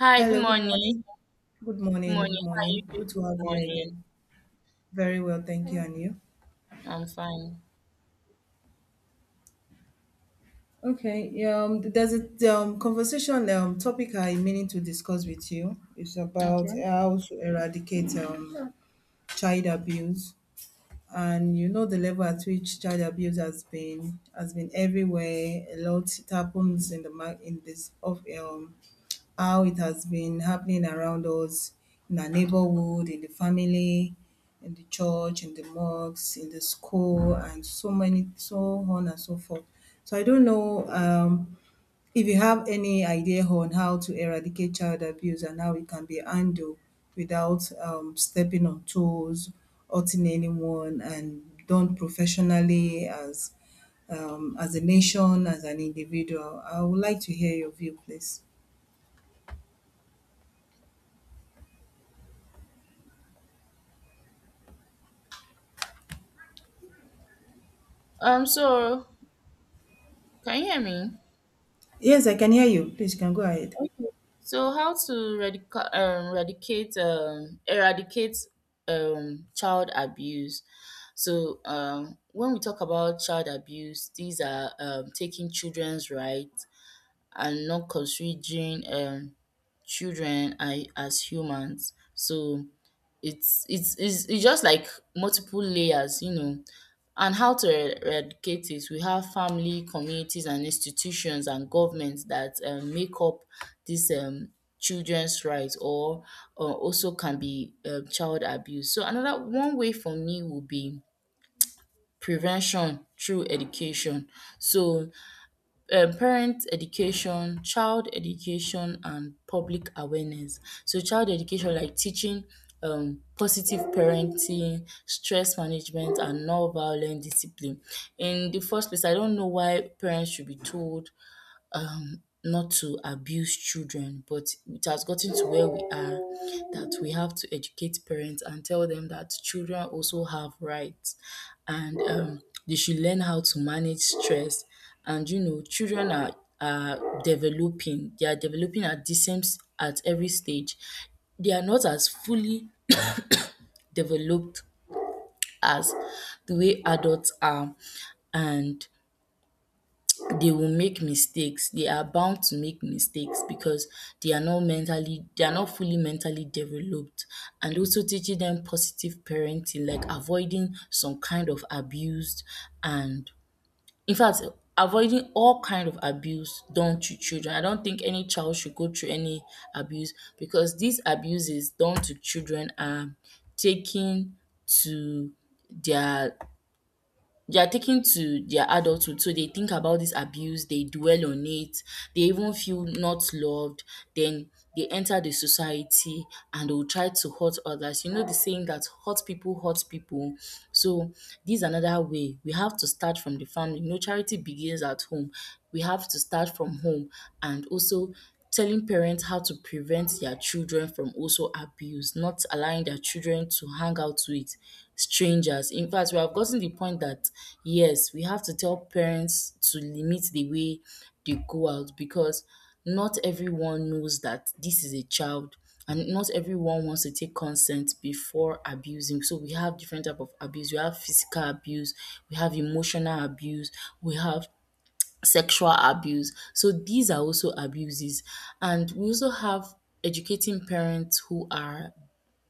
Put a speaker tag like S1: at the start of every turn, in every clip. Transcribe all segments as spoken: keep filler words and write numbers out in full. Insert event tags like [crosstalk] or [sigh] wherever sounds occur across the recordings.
S1: Hi, good
S2: Hello, good
S1: morning.
S2: morning. Good
S1: Good
S2: morning.
S1: morning.
S2: Good
S1: How are
S2: morning.
S1: you doing
S2: Good to
S1: this
S2: have you
S1: morning?
S2: again. Very well, thank you. And you?
S1: I'm fine.
S2: Okay. Yeah, um, there's a um, conversation um, topic I'm meaning to discuss with you. It's about
S1: Okay.
S2: how to eradicate um, child abuse, and you know the level at which child abuse has been has been everywhere. A lot it happens in the mar- in this of um how it has been happening around us in our neighborhood, in the family, in the church, in the mosques, in the school, and so many, so on and so forth. So I don't know um, if you have any idea on how to eradicate child abuse and how it can be handled without um, stepping on toes, hurting anyone, and done professionally as um, as a nation, as an individual. I would like to hear your view, please.
S1: Um, so can you hear me?
S2: Yes, I can hear you. Please, you can go ahead.
S1: Okay. So how to radica- um, eradicate um, eradicate um, child abuse. So um, when we talk about child abuse, these are um, taking children's rights and not considering um children a- as humans. So it's it's it's, it's just like multiple layers, you know. And how to er- eradicate it? We have family, communities, and institutions and governments that um, make up this um, children's rights, or uh, also can be um child abuse. So another one way for me would be prevention through education. So um parent education, child education and public awareness. So child education like teaching um positive parenting, stress management and non-violent discipline. In the first place, I don't know why parents should be told um, not to abuse children, but it has gotten to where we are that we have to educate parents and tell them that children also have rights, and um, they should learn how to manage stress. And you know, children are, are developing, they are developing at the same s- at every stage. They are not as fully developed as the way adults are. And they will make mistakes. They are bound to make mistakes because they are not mentally, they are not fully mentally developed. And also teaching them positive parenting, like avoiding some kind of abuse and, in fact, avoiding all kind of abuse done to children. I don't think any child should go through any abuse, because these abuses done to children are taken to their they are taken to their adulthood, so they think about this abuse, they dwell on it, they even feel not loved, then they enter the society, and they will try to hurt others. You know the saying that hurt people hurt people. So this is another way. We have to start from the family. You know, charity begins at home. We have to start from home, and also telling parents how to prevent their children from also abuse, not allowing their children to hang out with strangers. In fact, we have gotten the point that yes, we have to tell parents to limit the way they go out, because not everyone knows that this is a child, and not everyone wants to take consent before abusing. So we have different type of abuse. We have physical abuse, we have emotional abuse, we have sexual abuse. So these are also abuses. And we also have educating parents who are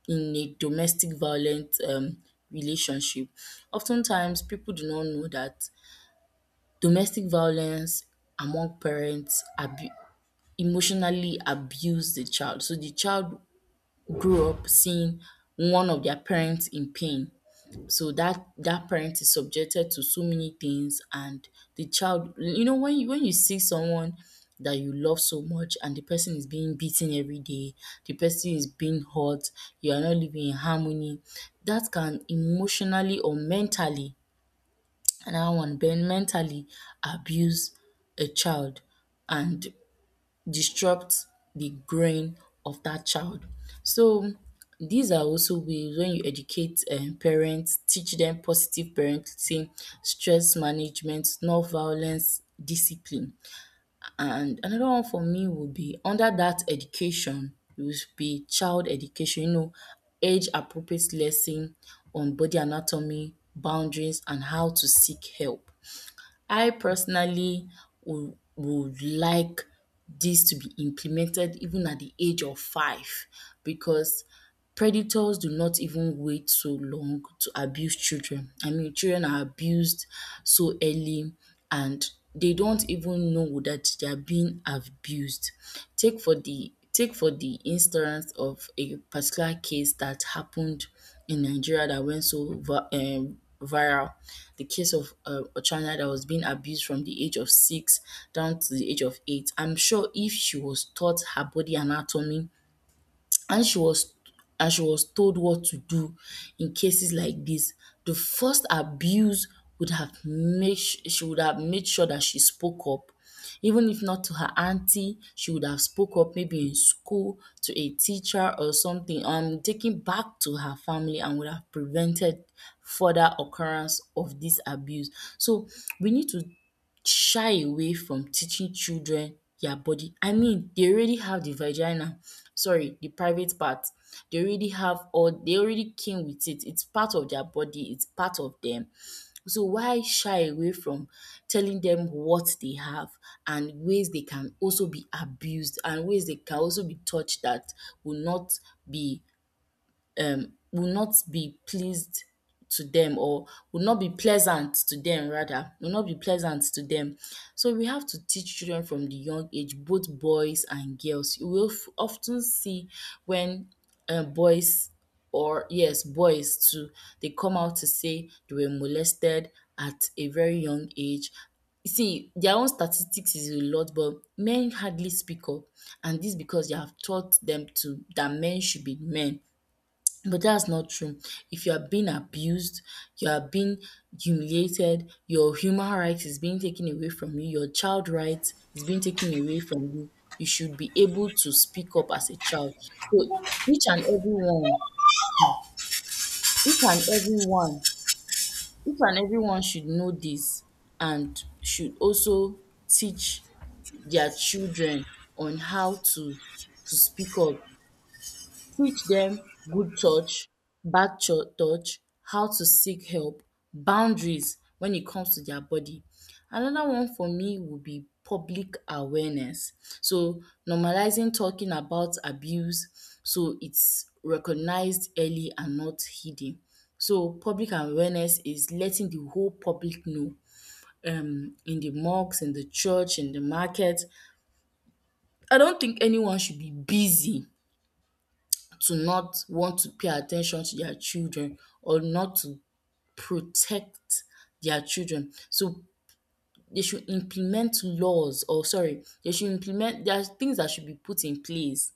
S1: in a domestic violent um, relationship. Oftentimes, people do not know that domestic violence among parents abu- emotionally abuse the child. So the child grew up seeing one of their parents in pain, so that that parent is subjected to so many things, and the child, you know, when you when you see someone that you love so much and the person is being beaten every day, the person is being hurt, you are not living in harmony, that can emotionally or mentally, another one, ben mentally abuse a child and disrupt the growing of that child. So these are also ways. When you educate um parents, teach them positive parenting, stress management, non-violence, discipline. And another one for me would be, under that education would be, child education, you know, age appropriate lesson on body anatomy, boundaries and how to seek help. I personally would would like this to be implemented even at the age of five, because predators do not even wait so long to abuse children. I mean, children are abused so early, and they don't even know that they are being abused. Take for the take for the instance of a particular case that happened in Nigeria that went so va um viral, the case of um a child that was being abused from the age of six down to the age of eight. I'm sure if she was taught her body anatomy, and she was and she was told what to do in cases like this, the first abuse would have made sh- she would have made sure that she spoke up. Even if not to her auntie, she would have spoke up maybe in school to a teacher or something, um taking back to her family, and would have prevented further occurrence of this abuse. So we need to shy away from teaching children their body. I mean, they already have the vagina, sorry, the private part. They already have, or they already came with it. It's part of their body, it's part of them. So why shy away from telling them what they have, and ways they can also be abused, and ways they can also be touched that will not be will not be pleased to them or will not be pleasant to them rather will not be pleasant to them. So we have to teach children from the young age, both boys and girls. You will f- often see when uh, boys, or yes, boys too, they come out to say they were molested at a very young age. You see, their own statistics is a lot, but men hardly speak up, and this because they have taught them to that men should be men. But that's not true. If you are being abused, you are being humiliated, your human rights is being taken away from you, your child rights is being taken away from you, you should be able to speak up as a child. So each and every one, each and every one, each and every one should know this, and should also teach their children on how to to speak up. Teach them good touch, bad cho- touch, how to seek help, boundaries when it comes to their body. Another one for me would be public awareness. So normalizing talking about abuse so it's recognized early and not hidden. So public awareness is letting the whole public know, um in the mosques, in the church, in the market. I don't think anyone should be busy to not want to pay attention to their children or not to protect their children. So they should implement laws or sorry, they should implement there are things that should be put in place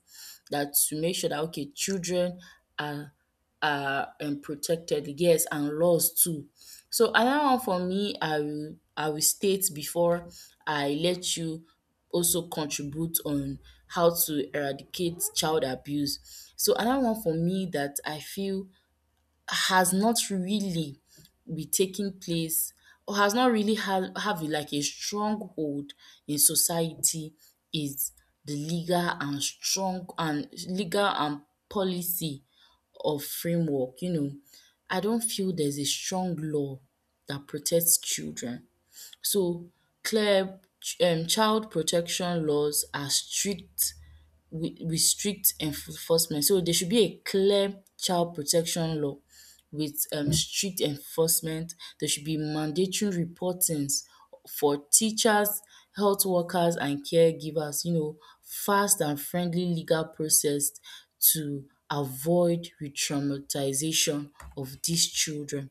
S1: that, to make sure that okay, children are are um protected, yes, and laws too. So another one for me, I will I will state before I let you also contribute on how to eradicate child abuse. So another one for me that I feel has not really be taking place, or has not really have have like a stronghold in society, is the legal and strong and legal and policy of framework, you know. I don't feel there's a strong law that protects children. So clear um child protection laws are strict wi- with strict enforcement. So there should be a clear child protection law with um, strict enforcement. There should be mandatory reportings for teachers, health workers, and caregivers. You know, fast and friendly legal process to avoid re-traumatization of these children.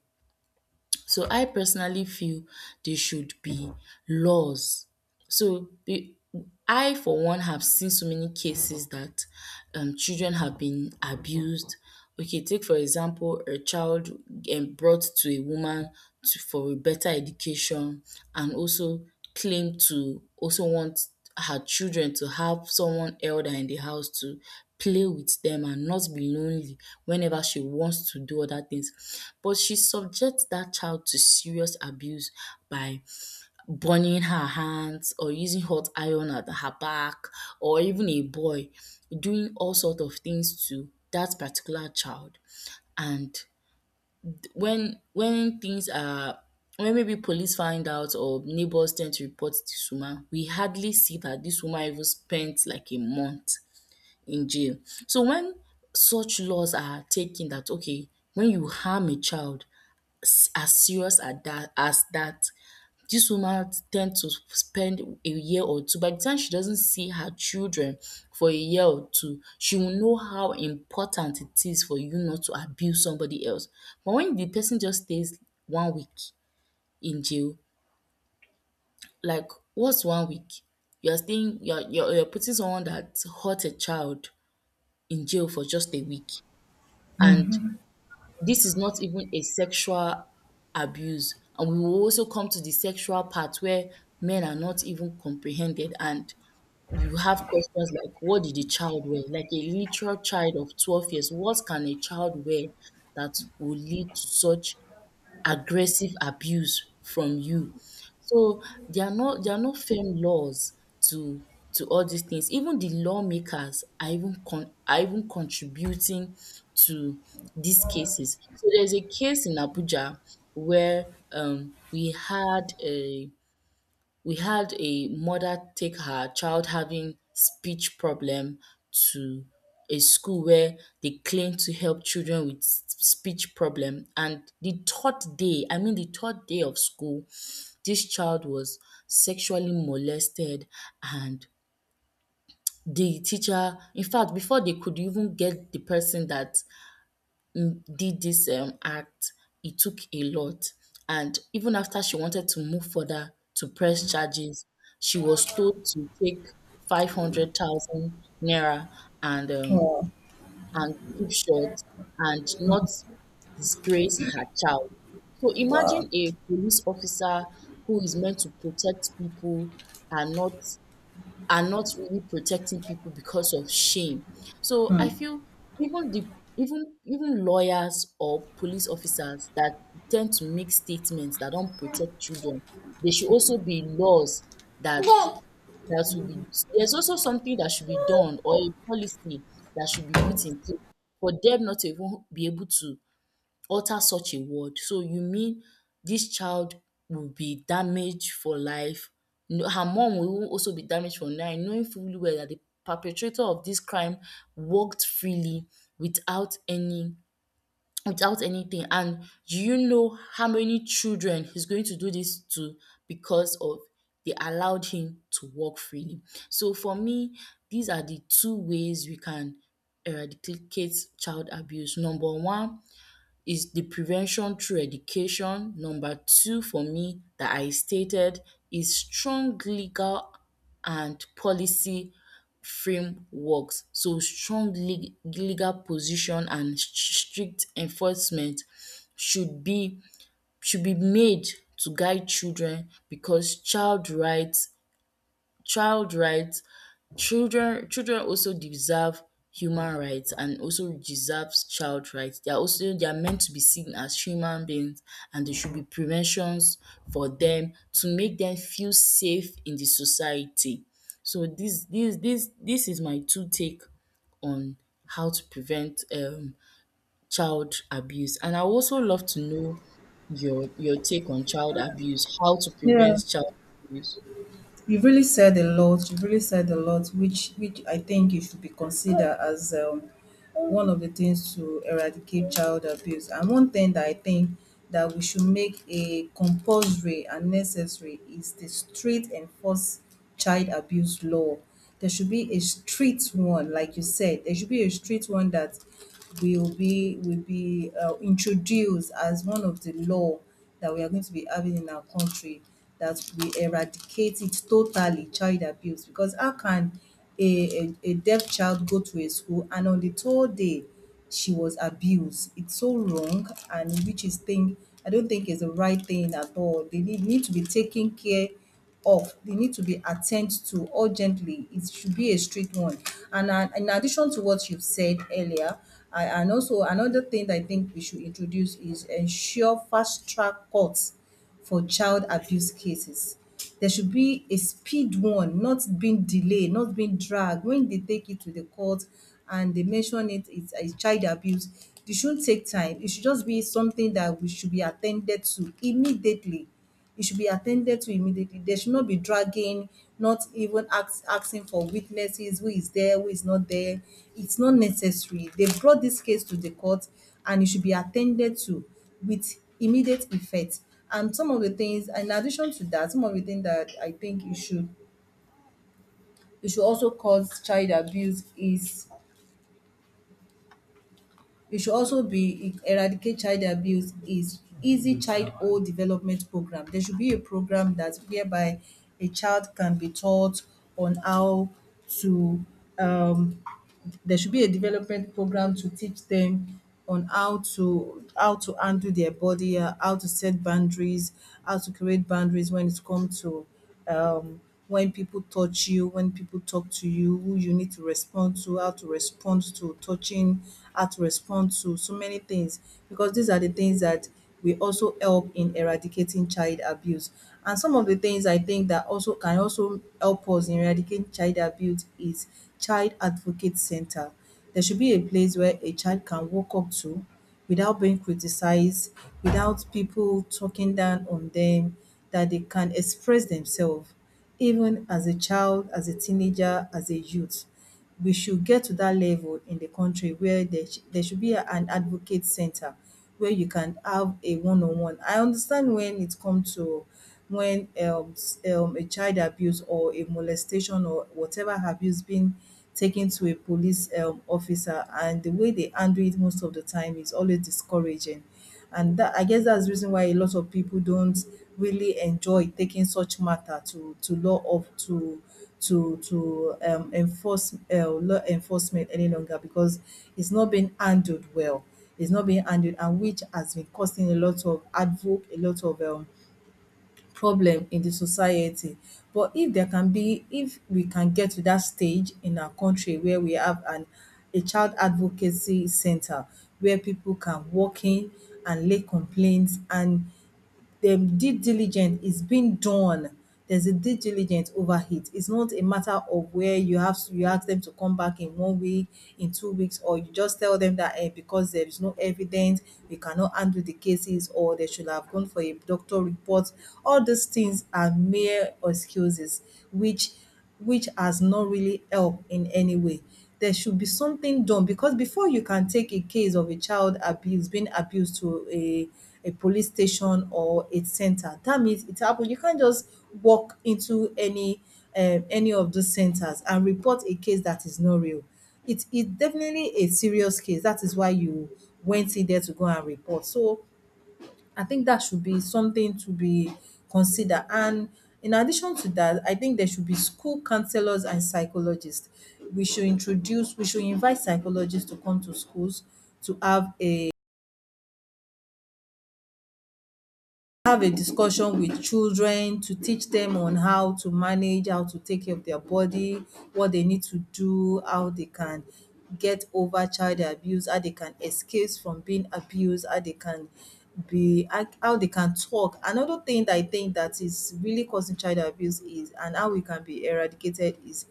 S1: So I personally feel there should be laws so be I for one have seen so many cases that um children have been abused. Okay, take for example a child um brought to a woman to for a better education, and also claim to also want her children to have someone elder in the house to play with them and not be lonely whenever she wants to do other things. But she subjects that child to serious abuse by burning her hands or using hot iron at her back, or even a boy, doing all sort of things to that particular child. And when when things are when maybe police find out or neighbors tend to report this woman, we hardly see that this woman even spent like a month in jail. So when such laws are taken that okay, when you harm a child as serious at that as that, this woman tend to spend a year or two. By the time she doesn't see her children for a year or two, she will know how important it is for you not to abuse somebody else. But when the person just stays one week in jail, like what's one week? You're staying you're you're you're putting someone that hurt a child in jail for just a week, and
S2: Mhm.
S1: this is not even a sexual abuse. And we will also come to the sexual part where men are not even comprehended, and you have questions like, what did the child wear? Like a literal child of twelve years, what can a child wear that will lead to such aggressive abuse from you? So there are no there are no firm laws to to all these things. Even the lawmakers are even con are even contributing to these cases. So there's a case in Abuja where um we had a we had a mother take her child having speech problem to a school where they claim to help children with s- speech problem and the third day, I mean the third day of school, this child was sexually molested and the teacher, in fact, before they could even get the person that mm, did this um, act. It took a lot. And even after she wanted to move further to press charges, she was told to take five hundred thousand naira and, um,
S2: Oh,
S1: and keep short and not disgrace her child. So
S2: wow.
S1: imagine a police officer who is meant to protect people and not are not really protecting people because of shame. So I feel even the even even lawyers or police officers that tend to make statements that don't protect children, there should also be laws that
S2: [laughs]
S1: that should be there's also something that should be done or a policy that should be put in place for them not to even be able to utter such a word. So you mean this child will be damaged for life. No, her mom will also be damaged for life knowing fully well that the perpetrator of this crime walked freely without any without anything, and do you know how many children he's going to do this to because of they allowed him to walk freely. So for me, these are the two ways we can eradicate child abuse. Number one, is the prevention through education. Number two for me that I stated is strong legal and policy frameworks. So strong le- legal position and sh- strict enforcement should be should be made to guide children because child rights child rights Children children also deserve human rights and also deserves child rights. They are also they are meant to be seen as human beings, and there should be preventions for them to make them feel safe in the society. So this, this, this, this is my two take on how to prevent um child abuse, and I would also love to know your your take on child abuse, how to
S2: Yeah.
S1: prevent child abuse.
S2: You've really said a lot. You've really said a lot, which which I think it should be considered as um, one of the things to eradicate child abuse. And one thing that I think that we should make a compulsory and necessary is the strict enforce child abuse law. There should be a strict one, like you said. There should be a strict one that will be will be uh, introduced as one of the law that we are going to be having in our country that we eradicate it totally child abuse because how can a, a, a deaf child go to a school and on the third day she was abused. It's so wrong and which is thing I don't think is the right thing at all. They need, need to be taking care off. They need to be attended to urgently. It should be a strict one. And uh, in addition to what you've said earlier, I, and also another thing that I think we should introduce is ensure fast track courts for child abuse cases. There should be a speed one, not being delayed, not being dragged. When they take it to the court and they mention it, it's a child abuse, it shouldn't take time. It should just be something that we should be attended to immediately it should be attended to immediately. There should not be dragging, not even ask, asking for witnesses, who is there, who is not there. It's not necessary. They brought this case to the court and it should be attended to with immediate effect. And some of the things, in addition to that, some of the things that I think you should you should also cause child abuse is It should also be eradicate child abuse is easy childhood development program. There should be a program that whereby a child can be taught on how to um there should be a development program to teach them on how to how to handle their body, uh, how to set boundaries, how to create boundaries when it comes to um, when people touch you, when people talk to you, who you need to respond to, how to respond to touching, how to respond to so many things because these are the things that will also help in eradicating child abuse. And some of the things I think that also can also help us in eradicating child abuse is child advocate center. There should be a place where a child can walk up to without being criticized, without people talking down on them, that they can express themselves even as a child, as a teenager, as a youth. We should get to that level in the country where there, sh- there should be a- an advocate center where you can have a one-on-one. I understand when it comes to when um, s- um, a child abuse or a molestation or whatever abuse being taken to a police um, officer and the way they handle it most of the time is always discouraging, and that, I guess that's the reason why a lot of people don't really enjoy taking such matter to to law of to to to um, enforce uh, law enforcement any longer because it's not being handled well. It's not being handled, and which has been causing a lot of advoc a lot of um, problem in the society. But if there can be if we can get to that stage in our country where we have an a child advocacy center where people can walk in and lay complaints and dem due diligence is being done. There's a due diligence over it. It's not a matter of where you have to, you ask them to come back in one week, in two weeks, or you just tell them that eh, because there is no evidence, we cannot handle the cases, or they should have gone for a doctor report. All these things are mere excuses, which which has not really helped in any way. There should be something done because before you can take a case of a child abuse being abused to a a police station or a center, that means it happened. You can't just walk into any um, any of those centers and report a case that is not real. It is definitely a serious case. That is why you went in there to go and report. So I think that should be something to be considered. And in addition to that, I think there should be school counselors and psychologists. We should introduce, we should invite psychologists to come to schools to have a have a discussion with children to teach them on how to manage, how to take care of their body, what they need to do, how they can get over child abuse, how they can escape from being abused, how they can be how how they can talk. Another thing that I think that is really causing child abuse is and how it can be eradicated is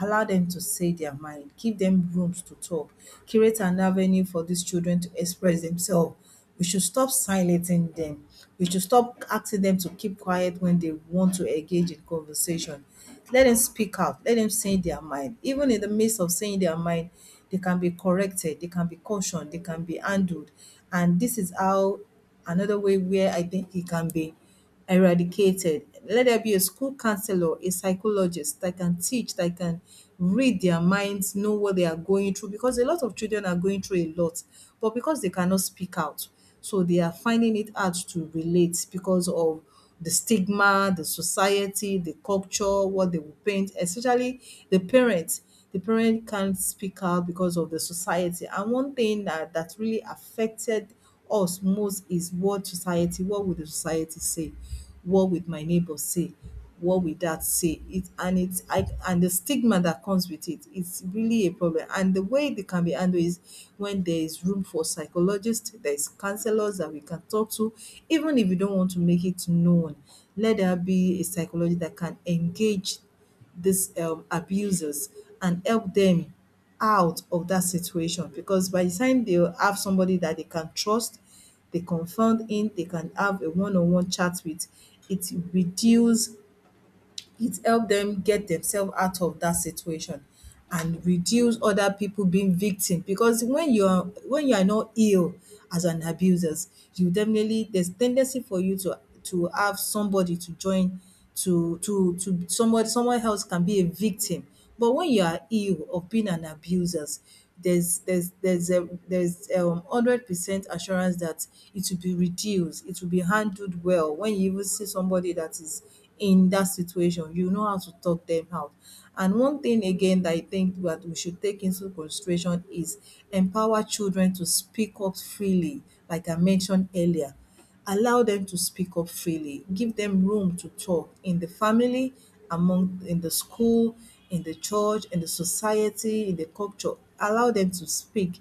S2: allow them to say their mind, give them rooms to talk, create an avenue for these children to express themselves. We should stop silencing them. We should stop asking them to keep quiet when they want to engage in conversation. Let them speak out. Let them say their mind. Even in the midst of saying their mind, they can be corrected, they can be cautioned, they can be handled. And this is how another way where I think it can be eradicated. Let there be a school counselor, a psychologist that can teach, that can read their minds, know what they are going through, because a lot of children are going through a lot, but because they cannot speak out, so they are finding it hard to relate because of the stigma, the society, the culture, what they will paint, especially the parents the parent can't speak out because of the society. And one thing that, that really affected us most is what society, what would the society say? What would my neighbor say? What would that say? It and it's I and the stigma that comes with it, it's really a problem. And the way they can be handled is when there is room for psychologists, there is counselors that we can talk to, even if you don't want to make it known. Let there be a psychologist that can engage these um, abusers and help them out of that situation because by the time they have somebody that they can trust, they confide in, they can have a one-on-one chat with, it reduce it help them get themselves out of that situation and reduce other people being victim because when you're when you are not ill as an abusers you definitely there's tendency for you to to have somebody to join to to to somebody someone else can be a victim but when you are ill of being an abuser, there's there's there's a there's um hundred percent assurance that it will be reduced, it will be handled well. When you even see somebody that is in that situation, you know how to talk them out. And one thing again that I think that we should take into consideration is empower children to speak up freely, like I mentioned earlier. Allow them to speak up freely. Give them room to talk in the family, among in the school, in the church, in the society, in the culture. Allow them to speak.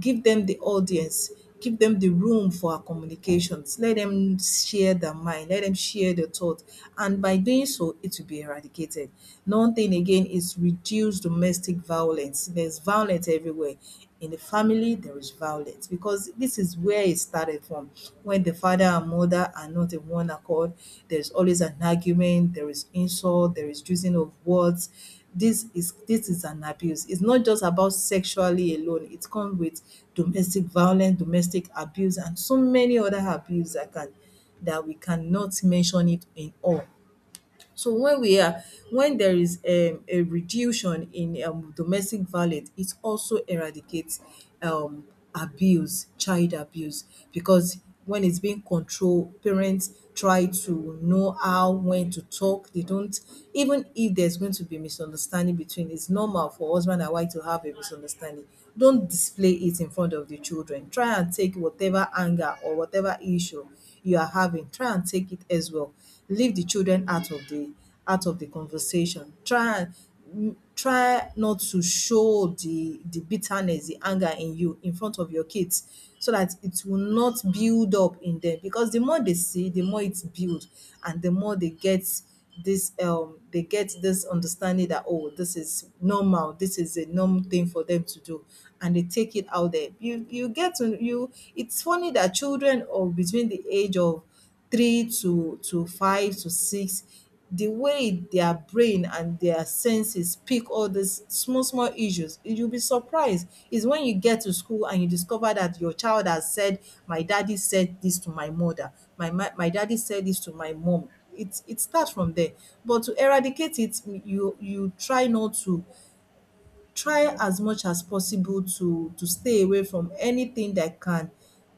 S2: Give them the audience. Give them the room for our communications. Let them share their mind. Let them share their thoughts. And by doing so, it will be eradicated. Another thing again is reduce domestic violence. There's was violence everywhere. In the family, there is violence because this is where it started from. When the father and mother are not in one accord, there's always an argument, there is insult, there is using of words. This is this is an abuse. It's not just about sexually alone. It comes with domestic violence, domestic abuse, and so many other abuse that can that we cannot mention it in all. So when we are when there is um, a reduction in um, domestic violence, it also eradicates um, abuse, child abuse, because when it's being controlled, parents try to know how, when to talk. They don't, even if there's going to be misunderstanding between, it's normal for husband and wife to have a misunderstanding. Don't display it in front of the children. Try and take whatever anger or whatever issue you are having, try and take it as well, leave the children out of the out of the conversation. Try and mm, try not to show the the bitterness, the anger in you in front of your kids so that it will not build up in them, because the more they see, the more it builds and the more they get this um they get this understanding that, oh, this is normal, this is a normal thing for them to do, and they take it out there. You you get to you it's funny that children of between the age of three to to five to six, the way their brain and their senses pick all these small, small issues, you'll be surprised. It's when you get to school and you discover that your child has said, my daddy said this to my mother, my, my, my daddy said this to my mom. It, it starts from there. But to eradicate it, you you try not to try as much as possible to to stay away from anything that can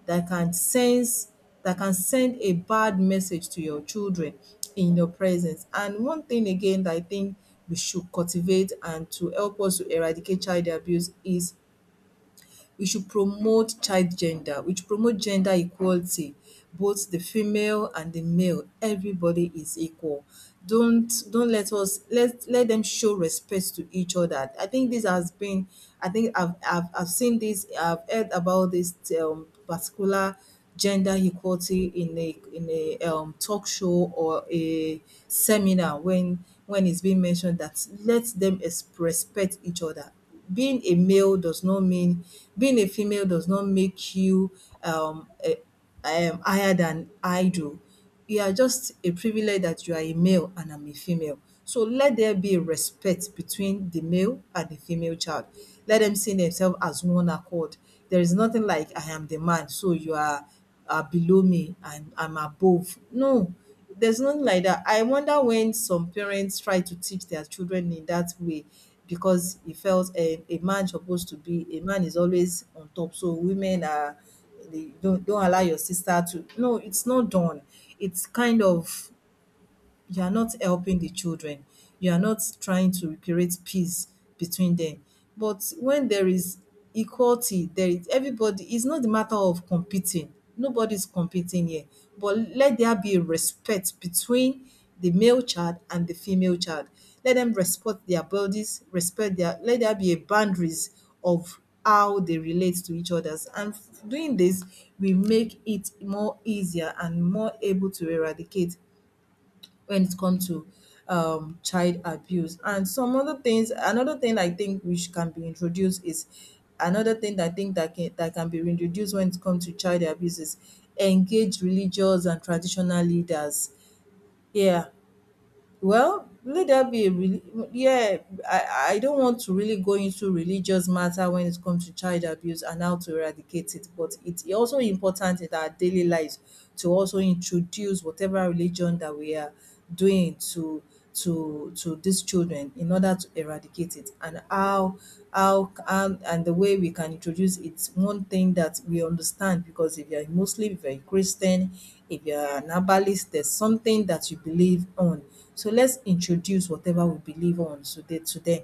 S2: that can sense that can send a bad message to your children in your presence. And one thing again that I think we should cultivate and to help us to eradicate child abuse is we should promote child gender, we should promote gender equality. Both the female and the male, everybody is equal. Don't don't let us let let them show respect to each other. I think this has been I think I've I've, I've seen this, I've heard about this um, particular gender equality in a in a um, talk show or a seminar when when it's being mentioned that let them ex- respect each other. Being a male does not mean, being a female does not make you um, eh, um higher than idle. You are just a privilege that you are a male and I'm a female. So let there be respect between the male and the female child. Let them see themselves as one accord. There is nothing like I am the man, so you are are below me and I'm above. No, there's nothing like that. I wonder when some parents try to teach their children in that way, because it felt a, a man supposed to be a man is always on top. So women are, they don't don't allow your sister to, no, it's not done. It's kind of, you are not helping the children, you are not trying to create peace between them. But when there is equality, there is everybody, it's not the matter of competing, nobody's competing here, but let there be respect between the male child and the female child. Let them respect their bodies, respect their, let there be a boundaries of how they relate to each others. And doing this will make it more easier and more able to eradicate when it comes to um, child abuse. And some other things, another thing I think which can be introduced is another thing that I think that can, that can be introduced when it comes to child abuse is engage religious and traditional leaders. Yeah, well, let that be a really, yeah, I I don't want to really go into religious matter when it comes to child abuse and how to eradicate it, but it's also important in our daily lives to also introduce whatever religion that we are doing to to to these children in order to eradicate it. And how how and, and the way we can introduce, it's one thing that we understand, because if you're a Muslim, if you're a Christian, if you're an herbalist, there's something that you believe on. So let's introduce whatever we believe on today to them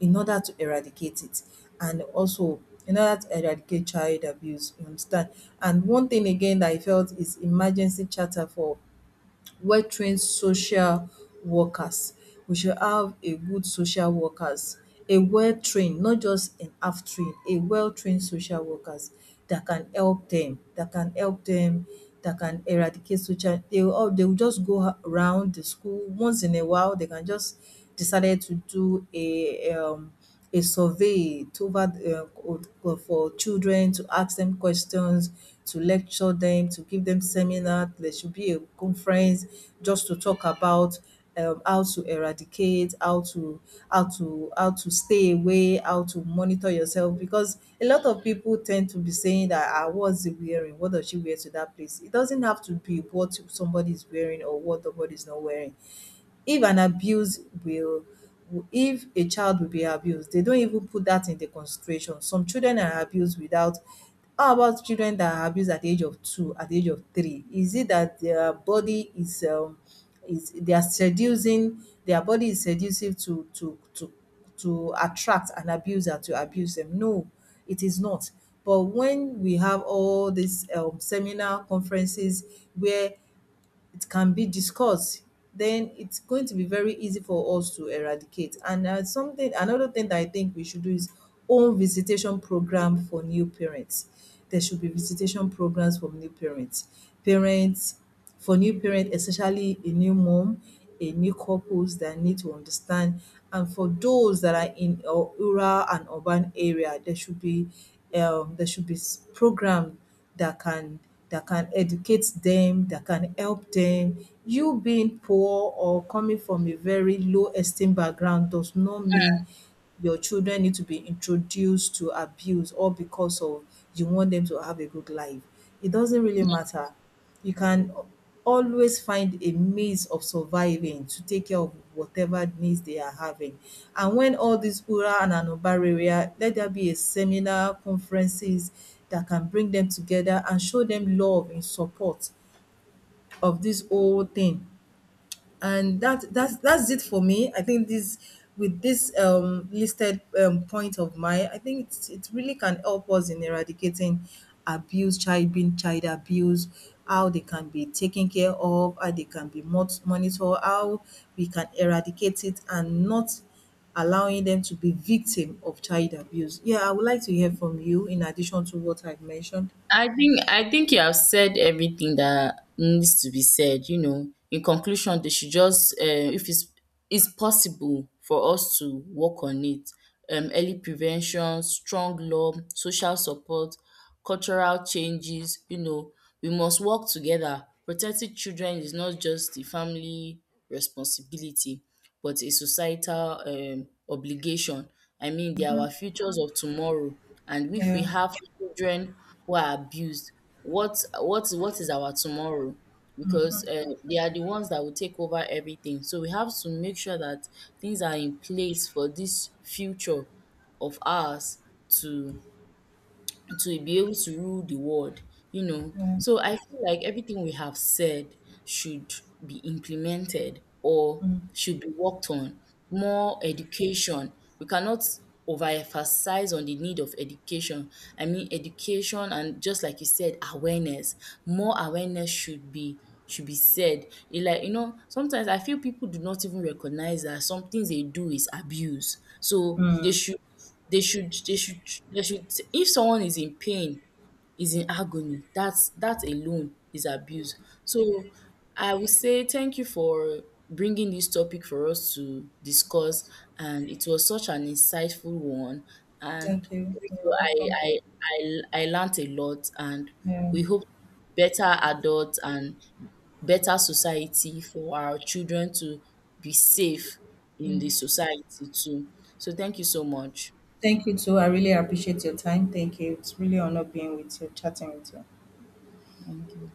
S2: in order to eradicate it. And also in order to eradicate child abuse, you understand. And one thing again that I felt is emergency charter for well trained social workers. We should have a good social workers, a well trained, not just an half trained, a well trained social workers that can help them, that can help them, that can eradicate social. They will all- they will just go round the school once in a while. They can just decided to do a um a survey to over uh, for children, to ask them questions, to lecture them, to give them seminar. There should be a conference just to talk about um, how to eradicate, how to how to how to stay away, how to monitor yourself. Because a lot of people tend to be saying that, ah, what's he wearing? What does she wear to that place? It doesn't have to be what somebody is wearing or what somebody is not wearing. If an abuse will, if a child will be abused, they don't even put that in the consideration. Some children are abused without, how about children that are abused at the age of two, at the age of three? Is it that their body is um is, they are seducing, their body is seductive to to to to attract an abuser to abuse them? No, it is not. But when we have all these um seminar conferences where it can be discussed, then it's going to be very easy for us to eradicate. And uh, something, another thing that I think we should do is own visitation program for new parents. There should be visitation programs for new parents, parents for new parents, especially a new mom, a new couples that need to understand. And for those that are in uh, rural and urban area, there should be um, there should be s- program that can that can educate them, that can help them. You being poor or coming from a very low esteem background does not mean your children need to be introduced to abuse all because of you want them to have a good life. It doesn't really matter. You can always find a means of surviving to take care of whatever needs they are having. And when all these rural and an urban area, let there be a seminar, conferences that can bring them together and show them love and support of this whole thing. And that that's that's it for me. I think this, with this um, listed um, point of mine, I think it's, it really can help us in eradicating abuse, child being child abuse, how they can be taken care of, how they can be mot- monitored, how we can eradicate it and not allowing them to be victim of child abuse. Yeah, I would like to hear from you in addition to what I've mentioned.
S1: I think I think you have said everything that needs to be said, you know. In conclusion, they should just uh, if it's it's possible for us to work on it. Um, early prevention, strong law, social support, cultural changes, you know, we must work together. Protecting children is not just the family responsibility but a societal um obligation. I mean, they are our futures of tomorrow. And if we
S2: Yeah.
S1: have children who are abused, what what what is our tomorrow? Because uh, they are the ones that will take over everything. So we have to make sure that things are in place for this future of ours to to be able to rule the world, you know. So I feel like everything we have said should be implemented or should be worked on. More education. We cannot overemphasize on the need of education. I mean education and, just like you said, awareness. More awareness should be should be said. It, like, you know, sometimes I feel people do not even recognize that some things they do is abuse. So they
S2: Mm.
S1: should they should they should they should, if someone is in pain, is in agony, that's that alone is abuse. So I would say thank you for bringing this topic for us to discuss, and it was such an insightful one, and
S2: Thank you. You're
S1: also I
S2: welcome.
S1: I I I learnt a lot, and
S2: Yeah.
S1: we hope better adults and better society for our children to be safe in the society too. So thank you so much.
S2: Thank you too. I really appreciate your time. Thank you. It's really an honor being with you, chatting with you.
S1: Thank you.